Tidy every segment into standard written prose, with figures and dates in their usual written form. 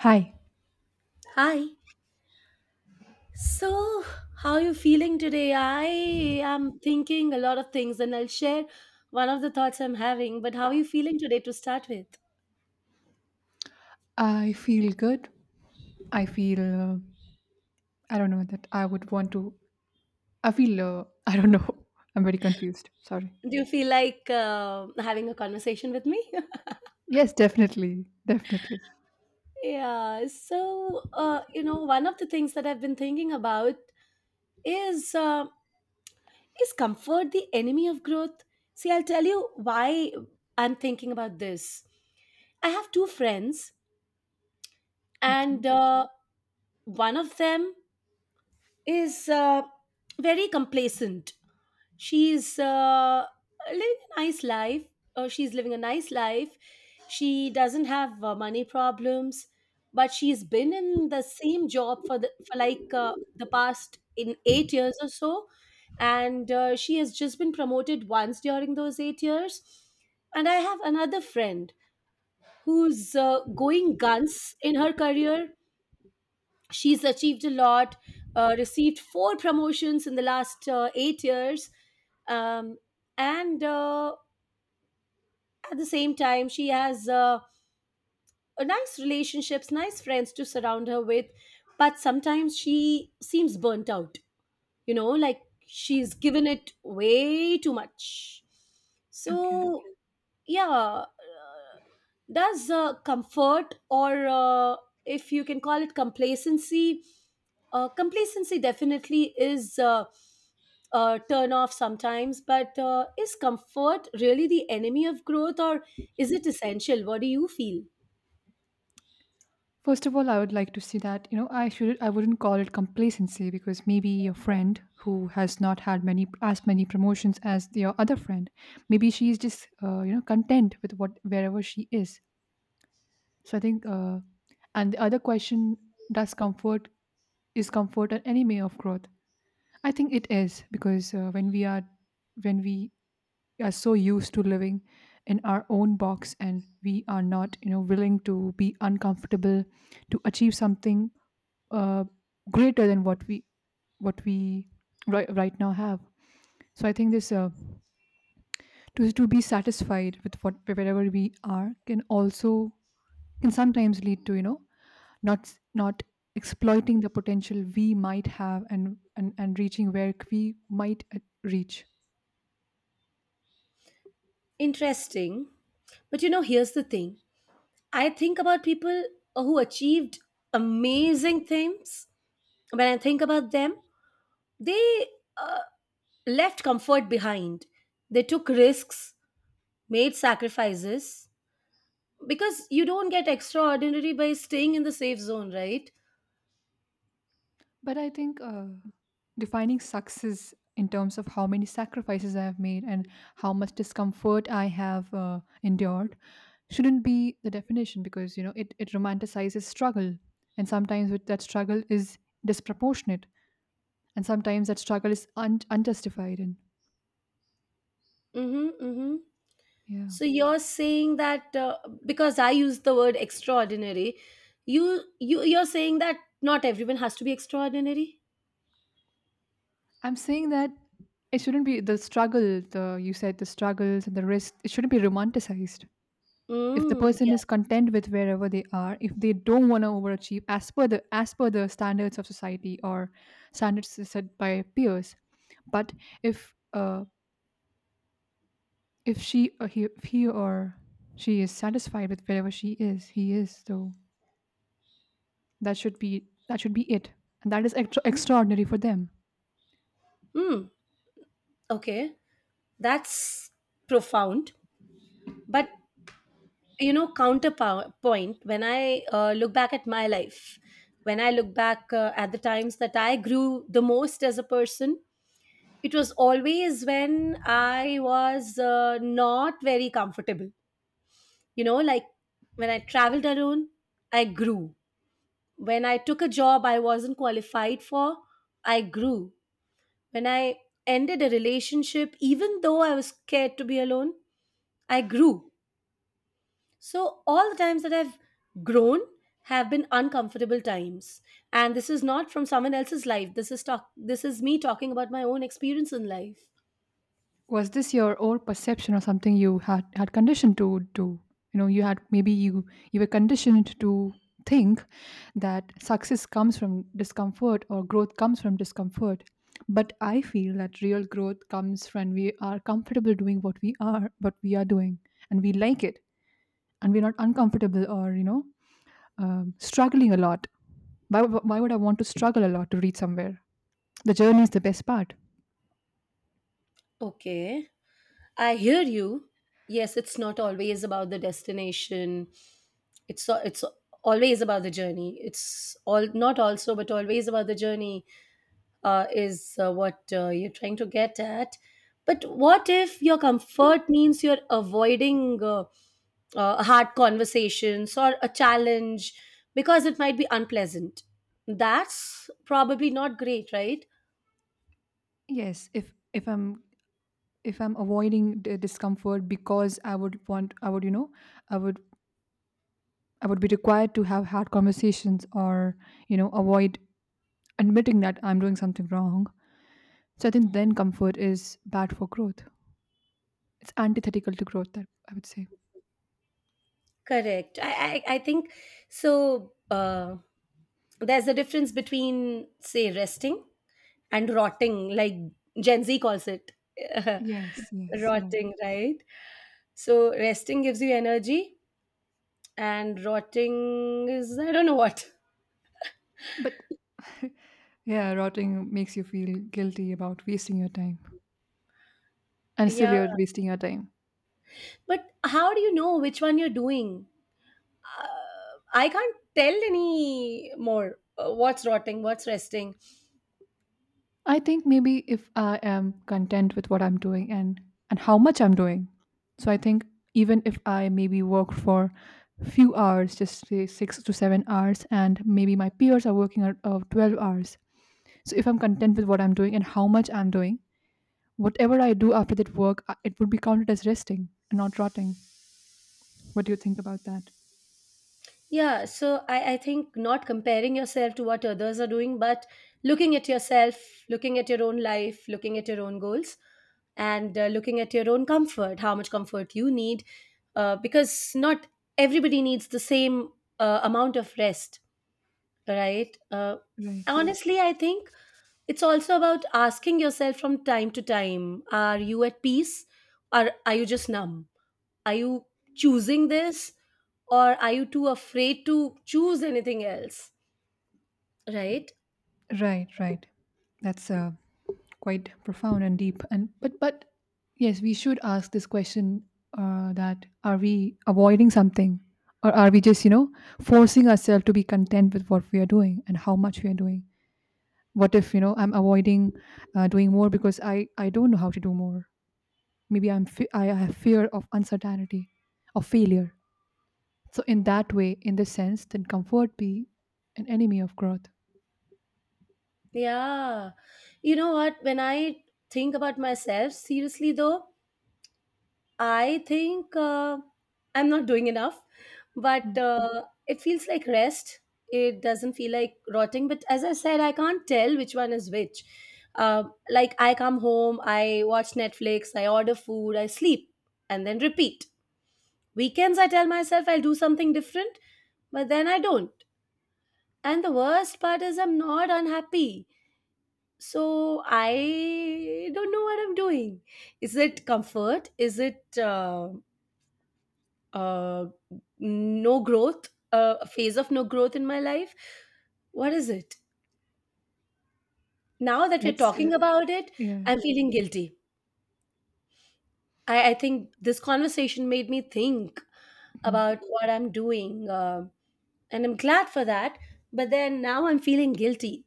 Hi, Hi. So, how are you feeling today? I am thinking a lot of things and I'll share one of the thoughts I'm having, but how are you feeling today to start with? I feel good. I feel, I don't know that I would want to. I feel, I don't know. I'm very confused. Sorry. Do you feel like having a conversation with me? Yes, definitely. Definitely. Yeah. So, one of the things that I've been thinking about is uh, is comfort the enemy of growth? See, I'll tell you why I'm thinking about this. I have two friends, Okay. and one of them is very complacent. She's Living a nice life, or she's living a nice life. She doesn't have money problems, but she's been in the same job for the for like the past in 8 years or so, and she has just been promoted once during those 8 years. And I have another friend who's going guns in her career. She's achieved a lot, received four promotions in the last 8 years, um, and at the same time she has a nice relationships, nice friends to surround her with, but sometimes she seems burnt out, like she's given it way too much. Okay. So yeah, does comfort or if you can call it complacency, complacency definitely is a turn off sometimes, but is comfort really the enemy of growth, or is it essential? What do you feel? First of all, I would like to say that, you know, I wouldn't call it complacency because maybe your friend who has not had many as many promotions as your other friend, maybe she is just content with what wherever she is. So I think, and the other question does comfort is comfort an enemy of growth? I think it is because when we are so used to living in our own box and we are not willing to be uncomfortable to achieve something uh, greater than what we right now have. So I think this to be satisfied with what wherever we are can also can sometimes lead to not not exploiting the potential we might have and and reaching where we might reach Interesting. But you know, here's the thing. I think about people who achieved amazing things. When I think about them, they uh, left comfort behind, they took risks, made sacrifices, because you don't get extraordinary by staying in the safe zone, right? but I think defining success in terms of how many sacrifices I have made and how much discomfort I have endured shouldn't be the definition because you know it romanticizes struggle, and sometimes with that struggle is disproportionate, and sometimes that struggle is unjustified and Mm-hmm, mm-hmm. yeah. So you're saying that, because I used the word extraordinary, you're saying that not everyone has to be extraordinary. I'm saying that it shouldn't be the struggle, the you said the struggles and the risk, it shouldn't be romanticized. If the Mm, person yeah. is content with wherever they are, if they don't want to overachieve as per the standards of society or standards set by peers, but if she or he, if he or she is satisfied with wherever she is, he is, so that should be it, and that is extraordinary for them. Mm, okay, that's profound. But you know, counterpoint. When I look back at my life, when I look back at the times that I grew the most as a person, it was always when I was not very comfortable. You know, like when I traveled alone, I grew. When I took a job I wasn't qualified for, I grew. When I ended a relationship, even though I was scared to be alone, I grew. So all the times that I've grown have been uncomfortable times. And this is not from someone else's life. This is talk this is me talking about my own experience in life. Was this your own perception or something you had conditioned to do? You know, you had maybe you were conditioned to think that success comes from discomfort or growth comes from discomfort, but I feel that real growth comes when we are comfortable doing what we are doing and we like it, and we're not uncomfortable or struggling a lot. Why would I want to struggle a lot to reach somewhere? The journey is the best part. Okay. I hear you. Yes, it's not always about the destination. It's always about the journey. It's all not also, but always about the journey is what you're trying to get at. But what if your comfort means you're avoiding hard conversations or a challenge because it might be unpleasant? That's probably not great, right? Yes, if I'm avoiding the discomfort because I would want I would you know I would I would be required to have hard conversations or avoid admitting that I'm doing something wrong, so I think then comfort is bad for growth. It's antithetical to growth, that I would say. Correct. I think so. There's a difference between, say, resting and rotting, like Gen Z calls it. Yes, yes, right. Rotting, right? So, resting gives you energy, and rotting is, I don't know what. But yeah, rotting makes you feel guilty about wasting your time, and still Yeah. you're wasting your time. But how do you know which one you're doing? Uh, I can't tell any more what's rotting, what's resting. I think maybe if I am content with what I'm doing and how much I'm doing. So I think even if I maybe work for few hours, just say 6 to 7 hours, and maybe my peers are working out of 12 hours. So if I'm content with what I'm doing and how much I'm doing, whatever I do after that work, it would be counted as resting and not rotting. What do you think about that? Yeah, so I think not comparing yourself to what others are doing, but looking at yourself, looking at your own life, looking at your own goals, and looking at your own comfort, how much comfort you need, because not everybody needs the same amount of rest, right? Right, Honestly, I think it's also about asking yourself from time to time, are you at peace or are you just numb? Are you choosing this or are you too afraid to choose anything else? Right? right, right. That's quite profound and deep, and but yes, we should ask this question, that are we avoiding something or are we just forcing ourselves to be content with what we are doing and how much we are doing. What if I'm avoiding doing more because I don't know how to do more? Maybe I have fear of uncertainty, of failure. So in that way in this sense, then comfort be an enemy of growth. Yeah. You know what? When I think about myself, seriously though, I think I'm not doing enough, Hmm. but it feels like rest. It doesn't feel like rotting. But as I said, I can't tell which one is which. Uh, like I come home, I watch Netflix, I order food, I sleep, and then repeat. Weekends, I tell myself I'll do something different, but then I don't. And the worst part is I'm not unhappy. So I don't know what I'm doing. Is it comfort? Is it uh, no growth? A phase of no growth in my life? What is it? Now that we're that's talking about it, Yeah. I'm feeling guilty. I think this conversation made me think Mhm. about what I'm doing. And I'm glad for that. But then now I'm feeling guilty.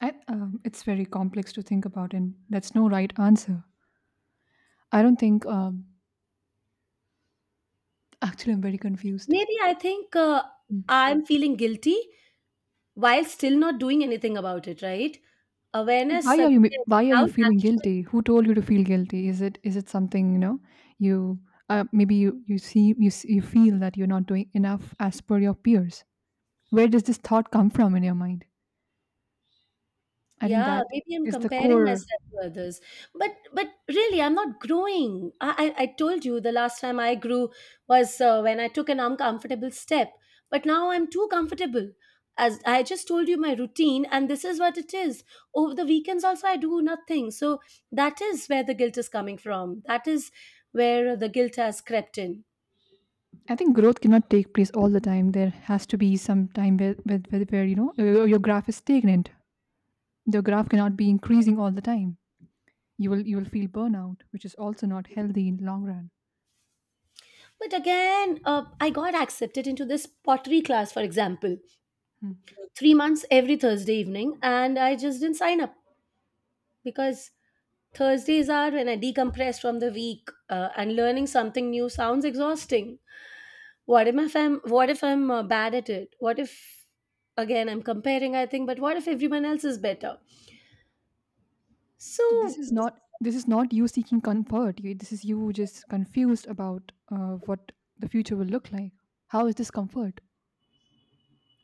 It's very complex to think about, and that's no right answer. I don't think. Actually, I'm very confused. Maybe I think Mm. I'm feeling guilty while still not doing anything about it, right? But Awareness again, why are you without feeling action. guilty? Who told you to feel guilty? Is it something, you know? You Maybe you see, you feel that you're not doing enough as per your peers. Where does this thought come from in your mind? I think Yeah, that maybe I'm is the comparing core. myself to others. But really, I'm not growing. I told you the last time I grew was when I took an uncomfortable step. But now I'm too comfortable. As I just told you my routine, and this is what it is. Over the weekends also I do nothing. So that is where the guilt is coming from. That is where the guilt has crept in. I think growth cannot take place all the time. There has to be some time where your graph is stagnant. The graph cannot be increasing all the time. You will feel burnout, which is also not healthy in long run. But again, I got accepted into this pottery class, for example, Hmm. 3 months every Thursday evening, and I just didn't sign up because Thursdays are when I decompress from the week, and learning something new sounds exhausting. What if I'm bad at it? What if again I'm comparing? I think, but what if everyone else is better? So So, this is not you seeking comfort, this is you just confused about what the future will look like. How is this comfort?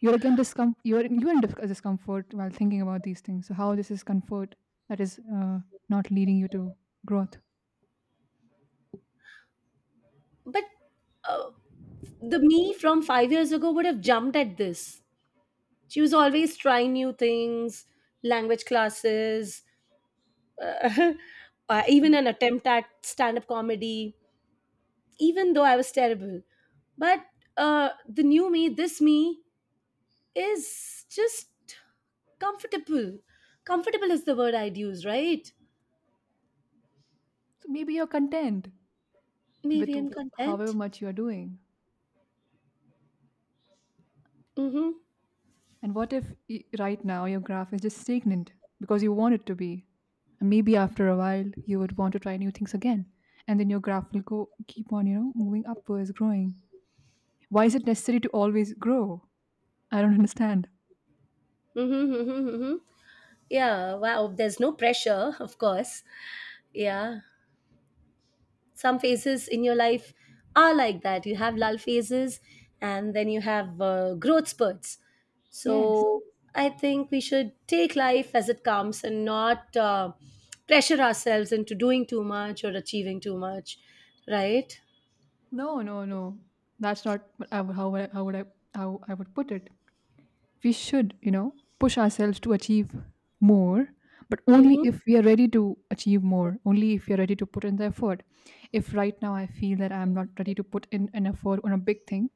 You're again discom- you're in discomfort while thinking about these things. So how this is comfort that is not leading you to growth? but uh, the me from 5 years ago would have jumped at this. She was always trying new things, language classes, uh, even an attempt at stand-up comedy, even though I was terrible. But the new me, this me, is just comfortable. Comfortable is the word I'd use, right? So maybe you're content with Maybe I'm however content. much you're doing. Mm-hmm. And what if right now your graph is just stagnant because you want it to be? And maybe after a while you would want to try new things again. And then your graph will go keep on, you know, moving upwards, growing. Why is it necessary to always grow? I don't understand. Mm-hmm. Mm-hmm. Mm-hmm. Yeah. Wow. There's no pressure, of course. Yeah. Some phases in your life are like that. You have lull phases, and then you have growth spurts. Yes. So I think we should take life as it comes and not pressure ourselves into doing too much or achieving too much, right? No, no, no. That's not what I would- how would I, how I would put it. We should push ourselves to achieve more, but only Mm-hmm. if we are ready to achieve more, only if you're ready to put in the effort. If right now I feel that I'm not ready to put in an effort on a big thing,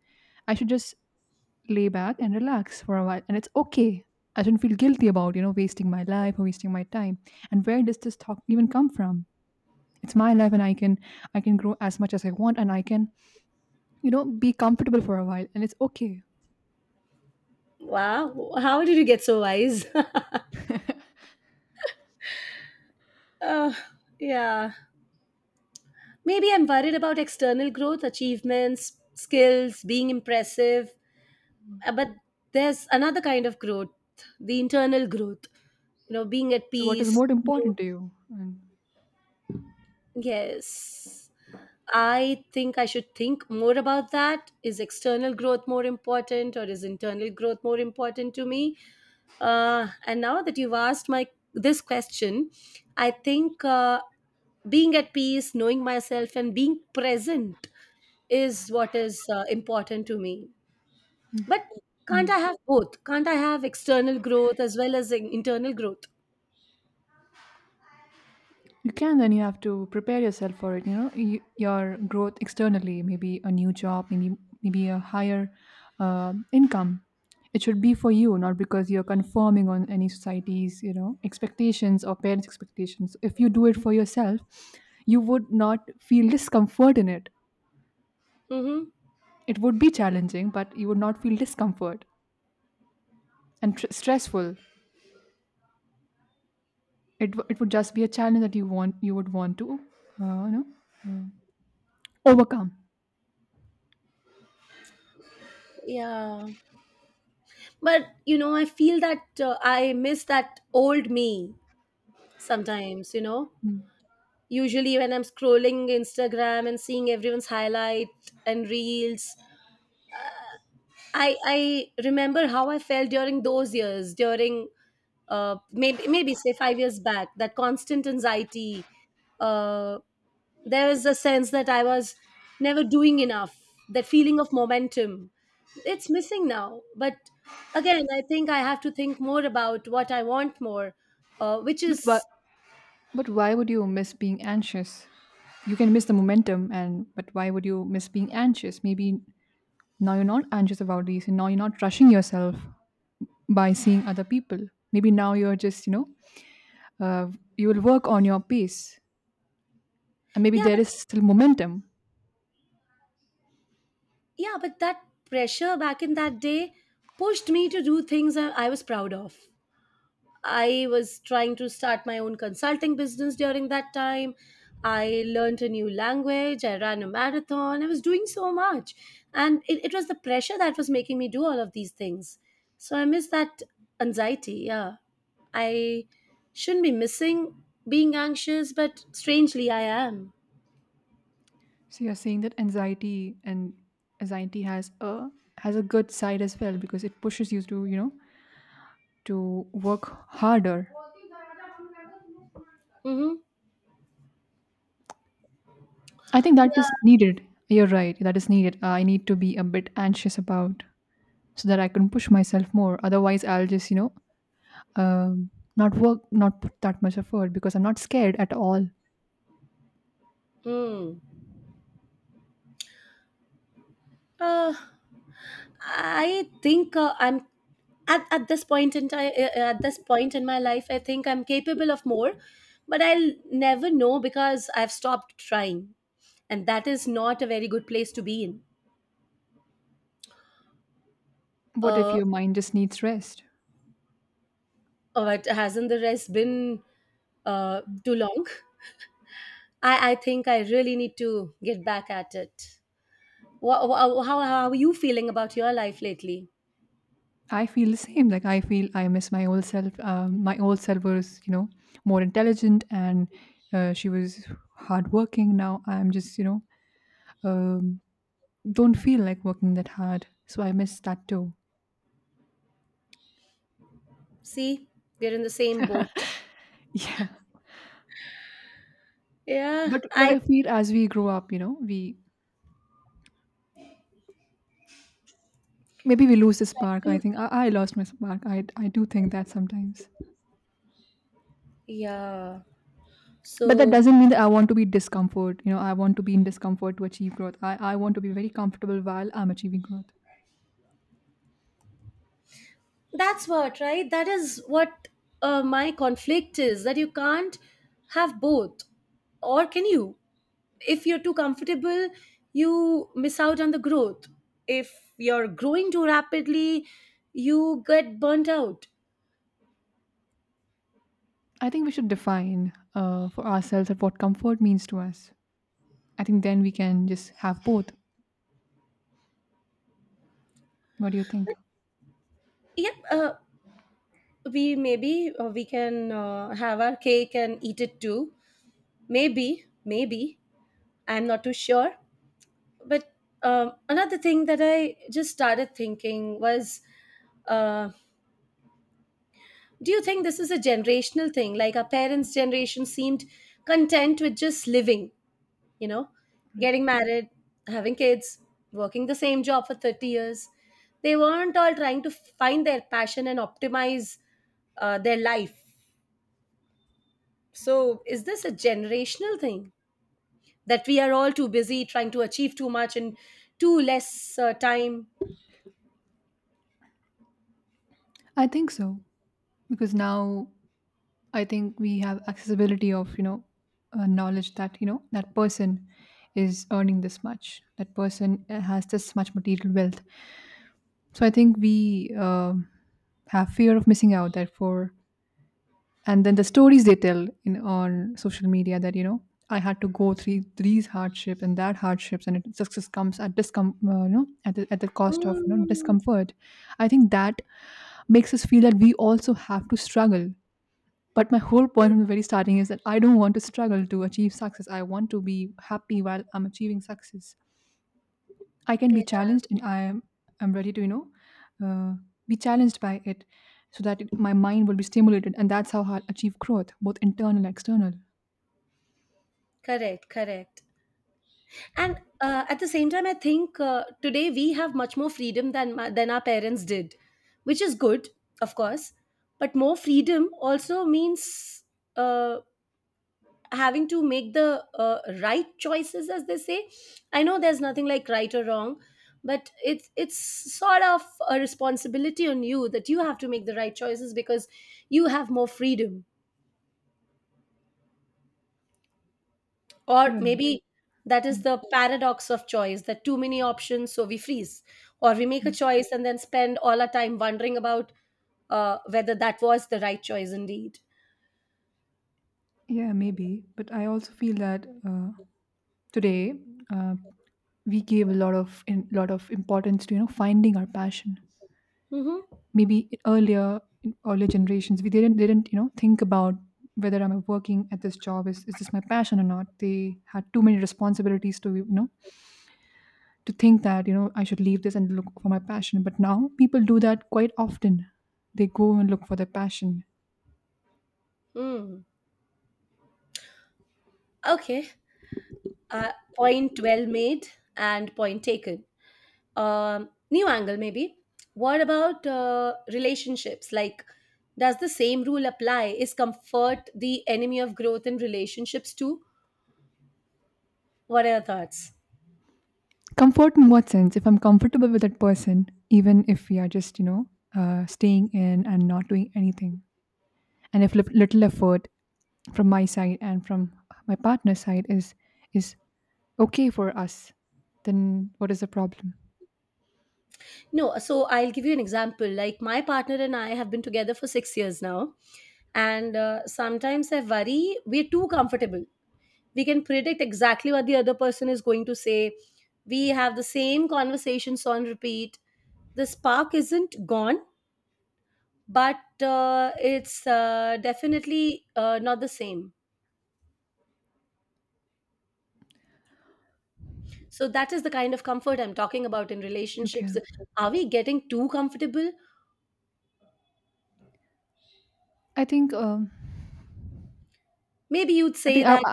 I should just lay back and relax for a while, and it's okay. I shouldn't feel guilty about wasting my life or wasting my time. And where does this talk even come from? It's my life and I can grow as much as I want, and I can be comfortable for a while, and it's okay. Wow, how did you get so wise? uh, yeah, maybe I'm worried about external growth, achievements, skills, being impressive. But there's another kind of growth, the internal growth, you know, being at So what is peace, more you know. important to you? And Yes, I think I should think more about that. Is external growth more important or is internal growth more important to me? And now that you've asked my this question, I think being at peace, knowing myself and being present is what is important to me. But can't I have both? Can't I have external growth as well as internal growth? you can, then you have to prepare yourself for it. You know, your growth externally, maybe a new job, maybe a higher income. It should be for you, not because you're conforming on any society's expectations or parents' expectations. If you do it for yourself, you would not feel discomfort in it. Hmm. It would be challenging, but you would not feel discomfort and stressful. It would just be a challenge that you would want to, overcome. Yeah. But you know, I feel that I miss that old me sometimes. You know, Mm. usually when I'm scrolling Instagram and seeing everyone's highlight and reels, I remember how I felt during those years. During maybe maybe say 5 years back, that constant anxiety. Uh, there is a sense that I was never doing enough, that feeling of momentum. It's missing now. But again, I think I have to think more about what I want more, uh, which But is, But why would you miss being anxious? You can miss the momentum, and but why would you miss being anxious? Maybe now you're not anxious about these, and now you're not rushing yourself by seeing other people. Maybe now you're justuh, you will work on your pace, and maybe yeah, there but is still momentum. That pressure back in that day pushed me to do things I was proud of. I was trying to start my own consulting business during that time. I learned a new language. I ran a marathon. I was doing so much. And it was the pressure that was making me do all of these things. So I miss that anxiety. Yeah. I shouldn't be missing being anxious, but strangely, I am. So you're saying that anxiety has a good side as well because it pushes you to to work harder. Mm-hmm. I think that is Yeah. needed. You're right. That is needed. I need to be a bit anxious about, so that I can push myself more. Otherwise, I'll justum, not work, not put that much effort because I'm not scared at all. Hmm. Uh, I think I'm at this point in time, at this point in my life, I think I'm capable of more, but I'll never know because I've stopped trying, and that is not a very good place to be in. What if Uh, your mind just needs rest? but hasn't the rest been too long? I think I really need to get back at it. How are you feeling about your life lately? I feel the same. Like I feel I miss my old self. My old self was more intelligent and she was hardworking. Now I'm justum, don't feel like working that hard. So I miss that too. See, we're in the same boat. Yeah. Yeah, But I try I feel as we grow up we maybe we lose the spark. I to. think I lost my spark. I do think that sometimes, Yeah. but that So doesn't mean that I want to be discomfort. You know, I want to be in discomfort to achieve growth. I want to be very comfortable while I'm achieving growth. that's what, right? That is what my conflict is, that you can't have both. Or can you? If you're too comfortable, you miss out on the growth. If you're growing too rapidly, you get burnt out. I think we should define for ourselves that what comfort means to us. I think then we can just have both. What do you think? Yep, we maybe we can have our cake and eat it too. Maybe, maybe. I'm not too sure. But another thing that I just started thinking was. Uh, Do you think this is a generational thing? Like our parents' generation seemed content with just living, you know, getting married, having kids, working the same job for 30 years. They weren't all trying to find their passion and optimize their life. So, is this a generational thing that we are all too busy trying to achieve too much in too less time? I think so because now I think we have accessibility of knowledge that that person is earning this much, that person has this much material wealth. So I think we have fear of missing out. Therefore, and then the stories they tell in on social media, that I had to go through these hardships and that hardships, and it success comes at discom you know at the cost of Mm, discomfort. I think that makes us feel that we also have to struggle. But my whole point from the very starting is that I don't want to struggle to achieve success. I want to be happy while I'm achieving success. I can be yeah, challenged, and I'm ready to uh, be challenged by it, so that my mind will be stimulated, and that's how I'll achieve growth, both internal and external. correct, correct. And at the same time, I think today we have much more freedom than than our parents did, which is good, of course, but more freedom also means uh, having to make the right choices, as they say. I know there's nothing like right or wrong, but it's sort of a responsibility on you that you have to make the right choices because you have more freedom. Or Right. maybe that is Mm. the paradox of choice, that too many options so we freeze, or we make a choice and then spend all our time wondering about whether that was the right choice indeed. Yeah, maybe. But I also feel that today uh, we gave a lot of in, lot of importance to finding our passion. Mm-hmm. Maybe in earlier generations we didn't think about whether I'm working at this job is this my passion or not. They had too many responsibilities to to think that I should leave this and look for my passion, but now people do that quite often. They go and look for their passion. Mm. Okay, point well made, and point taken. New angle maybe. What about relationships? Like, does the same rule apply? Is comfort the enemy of growth in relationships too? What are your thoughts? Comfort in what sense? If I'm comfortable with that person, even if we are just staying in and not doing anything, and if little effort from my side and from my partner's side is okay for us, then what is the problem? No, so I'll give you an example. Like, my partner and I have been together for 6 years now, and sometimes I worry we're too comfortable. We can predict exactly what the other person is going to say. We have the same conversations on repeat. The spark isn't gone, but it's definitely not the same. So that is the kind of comfort I'm talking about in Okay. relationships. Are we getting too comfortable? i think um Maybe you'd I say think that.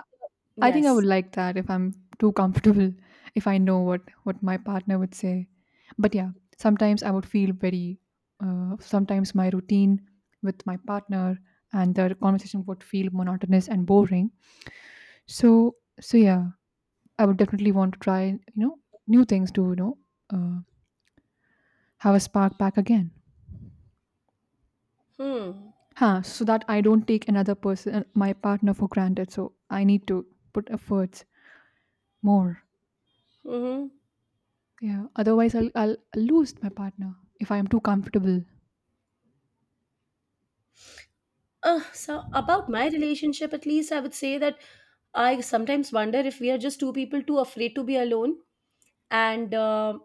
I think I would Yes. like that. If I'm too comfortable, if I know what my partner would say. But yeah, sometimes I would feel very. Sometimes my routine with my partner and the conversation would feel monotonous and boring. So so I would definitely want to try new things to uh, have a spark back again. Hmm. Huh? So that I don't take another person, my partner, for granted. So I need to put efforts more. Mm-hmm. Yeah, otherwise I'll lose my partner if I am too comfortable. So about my relationship, at least I would say that I sometimes wonder if we are just two people too afraid to be alone, and uh,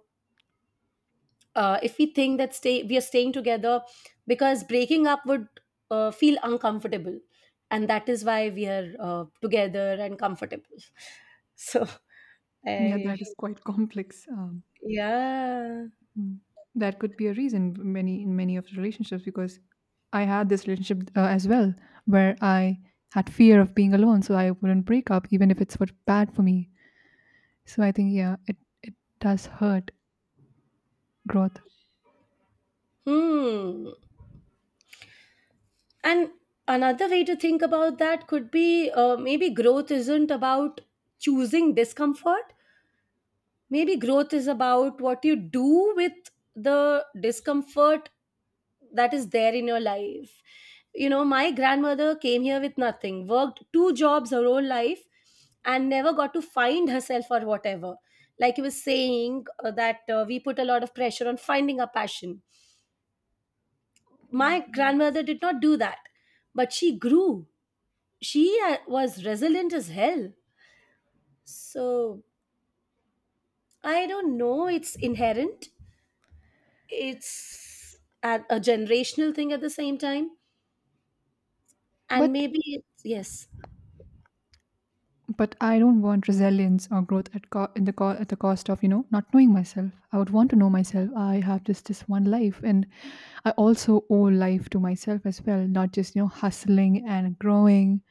uh, if we are staying together because breaking up would feel uncomfortable, and that is why we are together and comfortable. So Yeah, I, that is quite complex. Yeah. Mm. That could be a reason in many of the relationships, because I had this relationship as well, where I had fear of being alone, so I wouldn't break up even if it's what bad for me. So I think yeah, it does hurt growth. Hmm. And another way to think about that could be, maybe growth isn't about choosing discomfort. Maybe growth is about what you do with the discomfort that is there in your life. You know, my grandmother came here with nothing, worked 2 jobs her whole life, and never got to find herself or whatever. Like you were saying, that we put a lot of pressure on finding a passion. My Right. grandmother did not do that, but she grew. She was resilient as hell. So, I don't know, it's inherent. It's a generational thing at the same time. And But maybe it's, yes. But I don't want resilience or growth at at the cost of not knowing myself. I would want to know myself. I have just this one life, and I also owe life to myself as well, not just hustling and growing.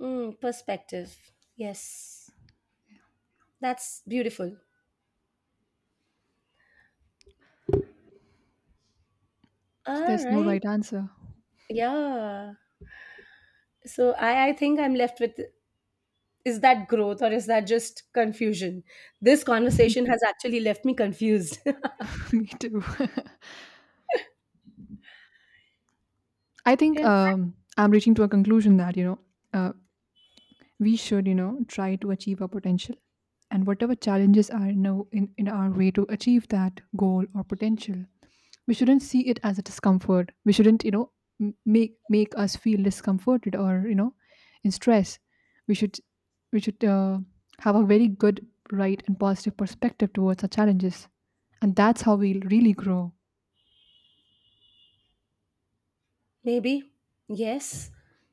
Mm, perspective. Yes, that's beautiful. So All there's no right. right answer. Yeah, so I think I'm left with, is that growth or is that just confusion? This conversation has actually left me confused. Me too. I think Yeah. I'm reaching to a conclusion that uh, we should try to achieve our potential, and whatever challenges are now in our way to achieve that goal or potential, we shouldn't see it as a discomfort. We shouldn't make us feel discomforted, or in stress. We should we should uh, have a very good, right and positive perspective towards our challenges, and that's how we'll really grow. Maybe, yes.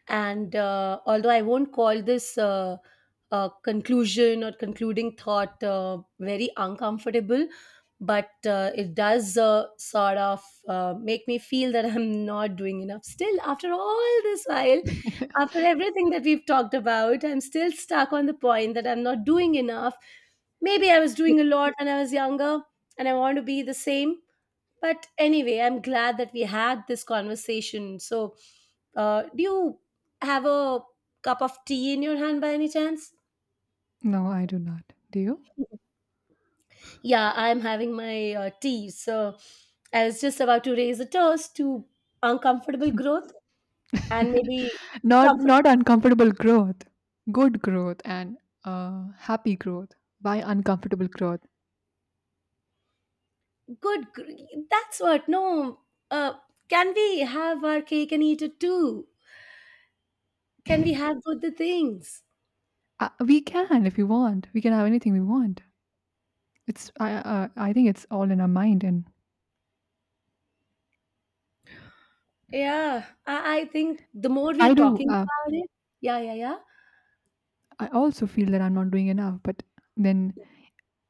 And although I won't call this conclusion or concluding thought very uncomfortable, but it does sort of make me feel that I'm not doing enough. Still, after all this while, after everything that we've talked about, I'm still stuck on the point that I'm not doing enough. Maybe I was Y- doing a lot when I was younger, and I want to be the same. But anyway, I'm glad that we had this conversation. So, do you have a cup of tea in your hand by any chance? no, I do not. Do you? Yeah, I'm having my tea. So, I was just about to raise a toast to uncomfortable growth and maybe Not comfort. not uncomfortable growth. Good growth and uh, happy growth. Why uncomfortable growth? Good, gr- that's what. No, uh, can we have our cake and eat it too? Can we have both the things? Uh, we can. If we want, we can have anything we want. It's I think it's all in our mind. And Yeah, I think the more we I are do. talking about it, yeah, yeah, yeah. I also feel that I'm not doing enough. But then,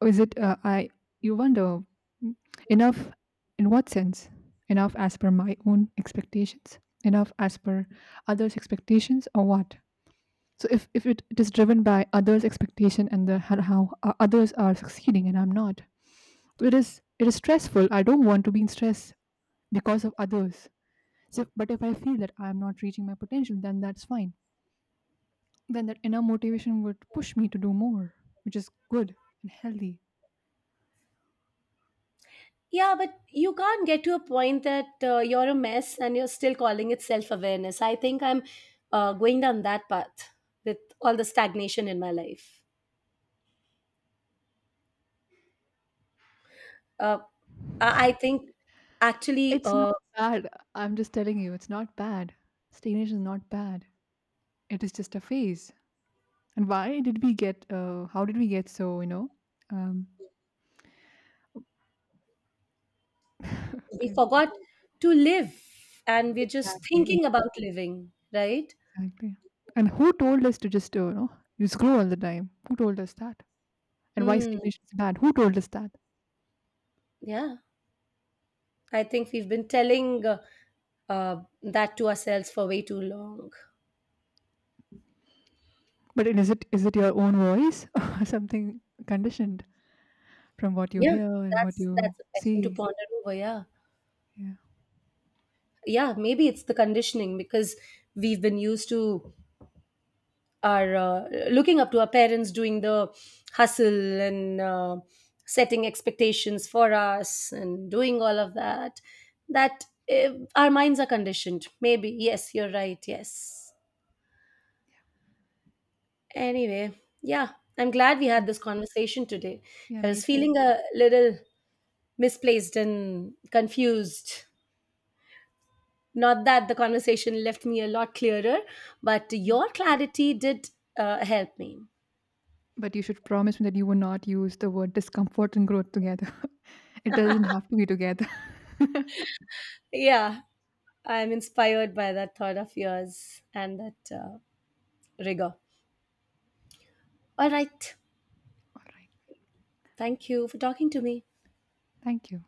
is it? I You wonder, mm, enough in what sense? Enough as per my own expectations. Enough as per others' expectations, or what? So if it is driven by others' expectation, and how others are succeeding and I'm not, so it is stressful. I don't want to be in stress because of others. So, but if I feel that I'm not reaching my potential, then that's fine. Then that inner motivation would push me to do more, which is good and healthy. Yeah, but you can't get to a point that you're a mess and you're still calling it self awareness. I think I'm going down that path with all the stagnation in my life. Uh, I think actually, It's not bad. I'm just telling you, it's not bad. Stagnation is not bad. It is just a phase. And why did we get? How did we get so? You know, um, we I, forgot to live, and we're just exactly, thinking about living, right? exactly. And who told us to just you know, you scroll all the time? Who told us that? And why Hmm. stagnation is bad? Who told us that? Yeah, I think we've been telling that to ourselves for way too long. But is it your own voice or something conditioned from what you Yeah, hear and what that's you that's a question to see? ponder over. Yeah. Yeah. Yeah, maybe it's the conditioning, because we've been used to our looking up to our parents doing the hustle and setting expectations for us and doing all of that, that eh, our minds are conditioned. Maybe, yes, you're right, yes. Anyway, yeah, I'm glad we had Mm. this conversation today. Yeah, I me was too. feeling a little misplaced and confused. Not that the conversation left me a lot clearer, but Mm. your clarity did help me. But you should promise me that you will not use the word discomfort and growth together. It doesn't have to be together. All Yeah, I'm inspired by that thought of yours and that rigor. All right. right. Thank you for talking to me. Thank you.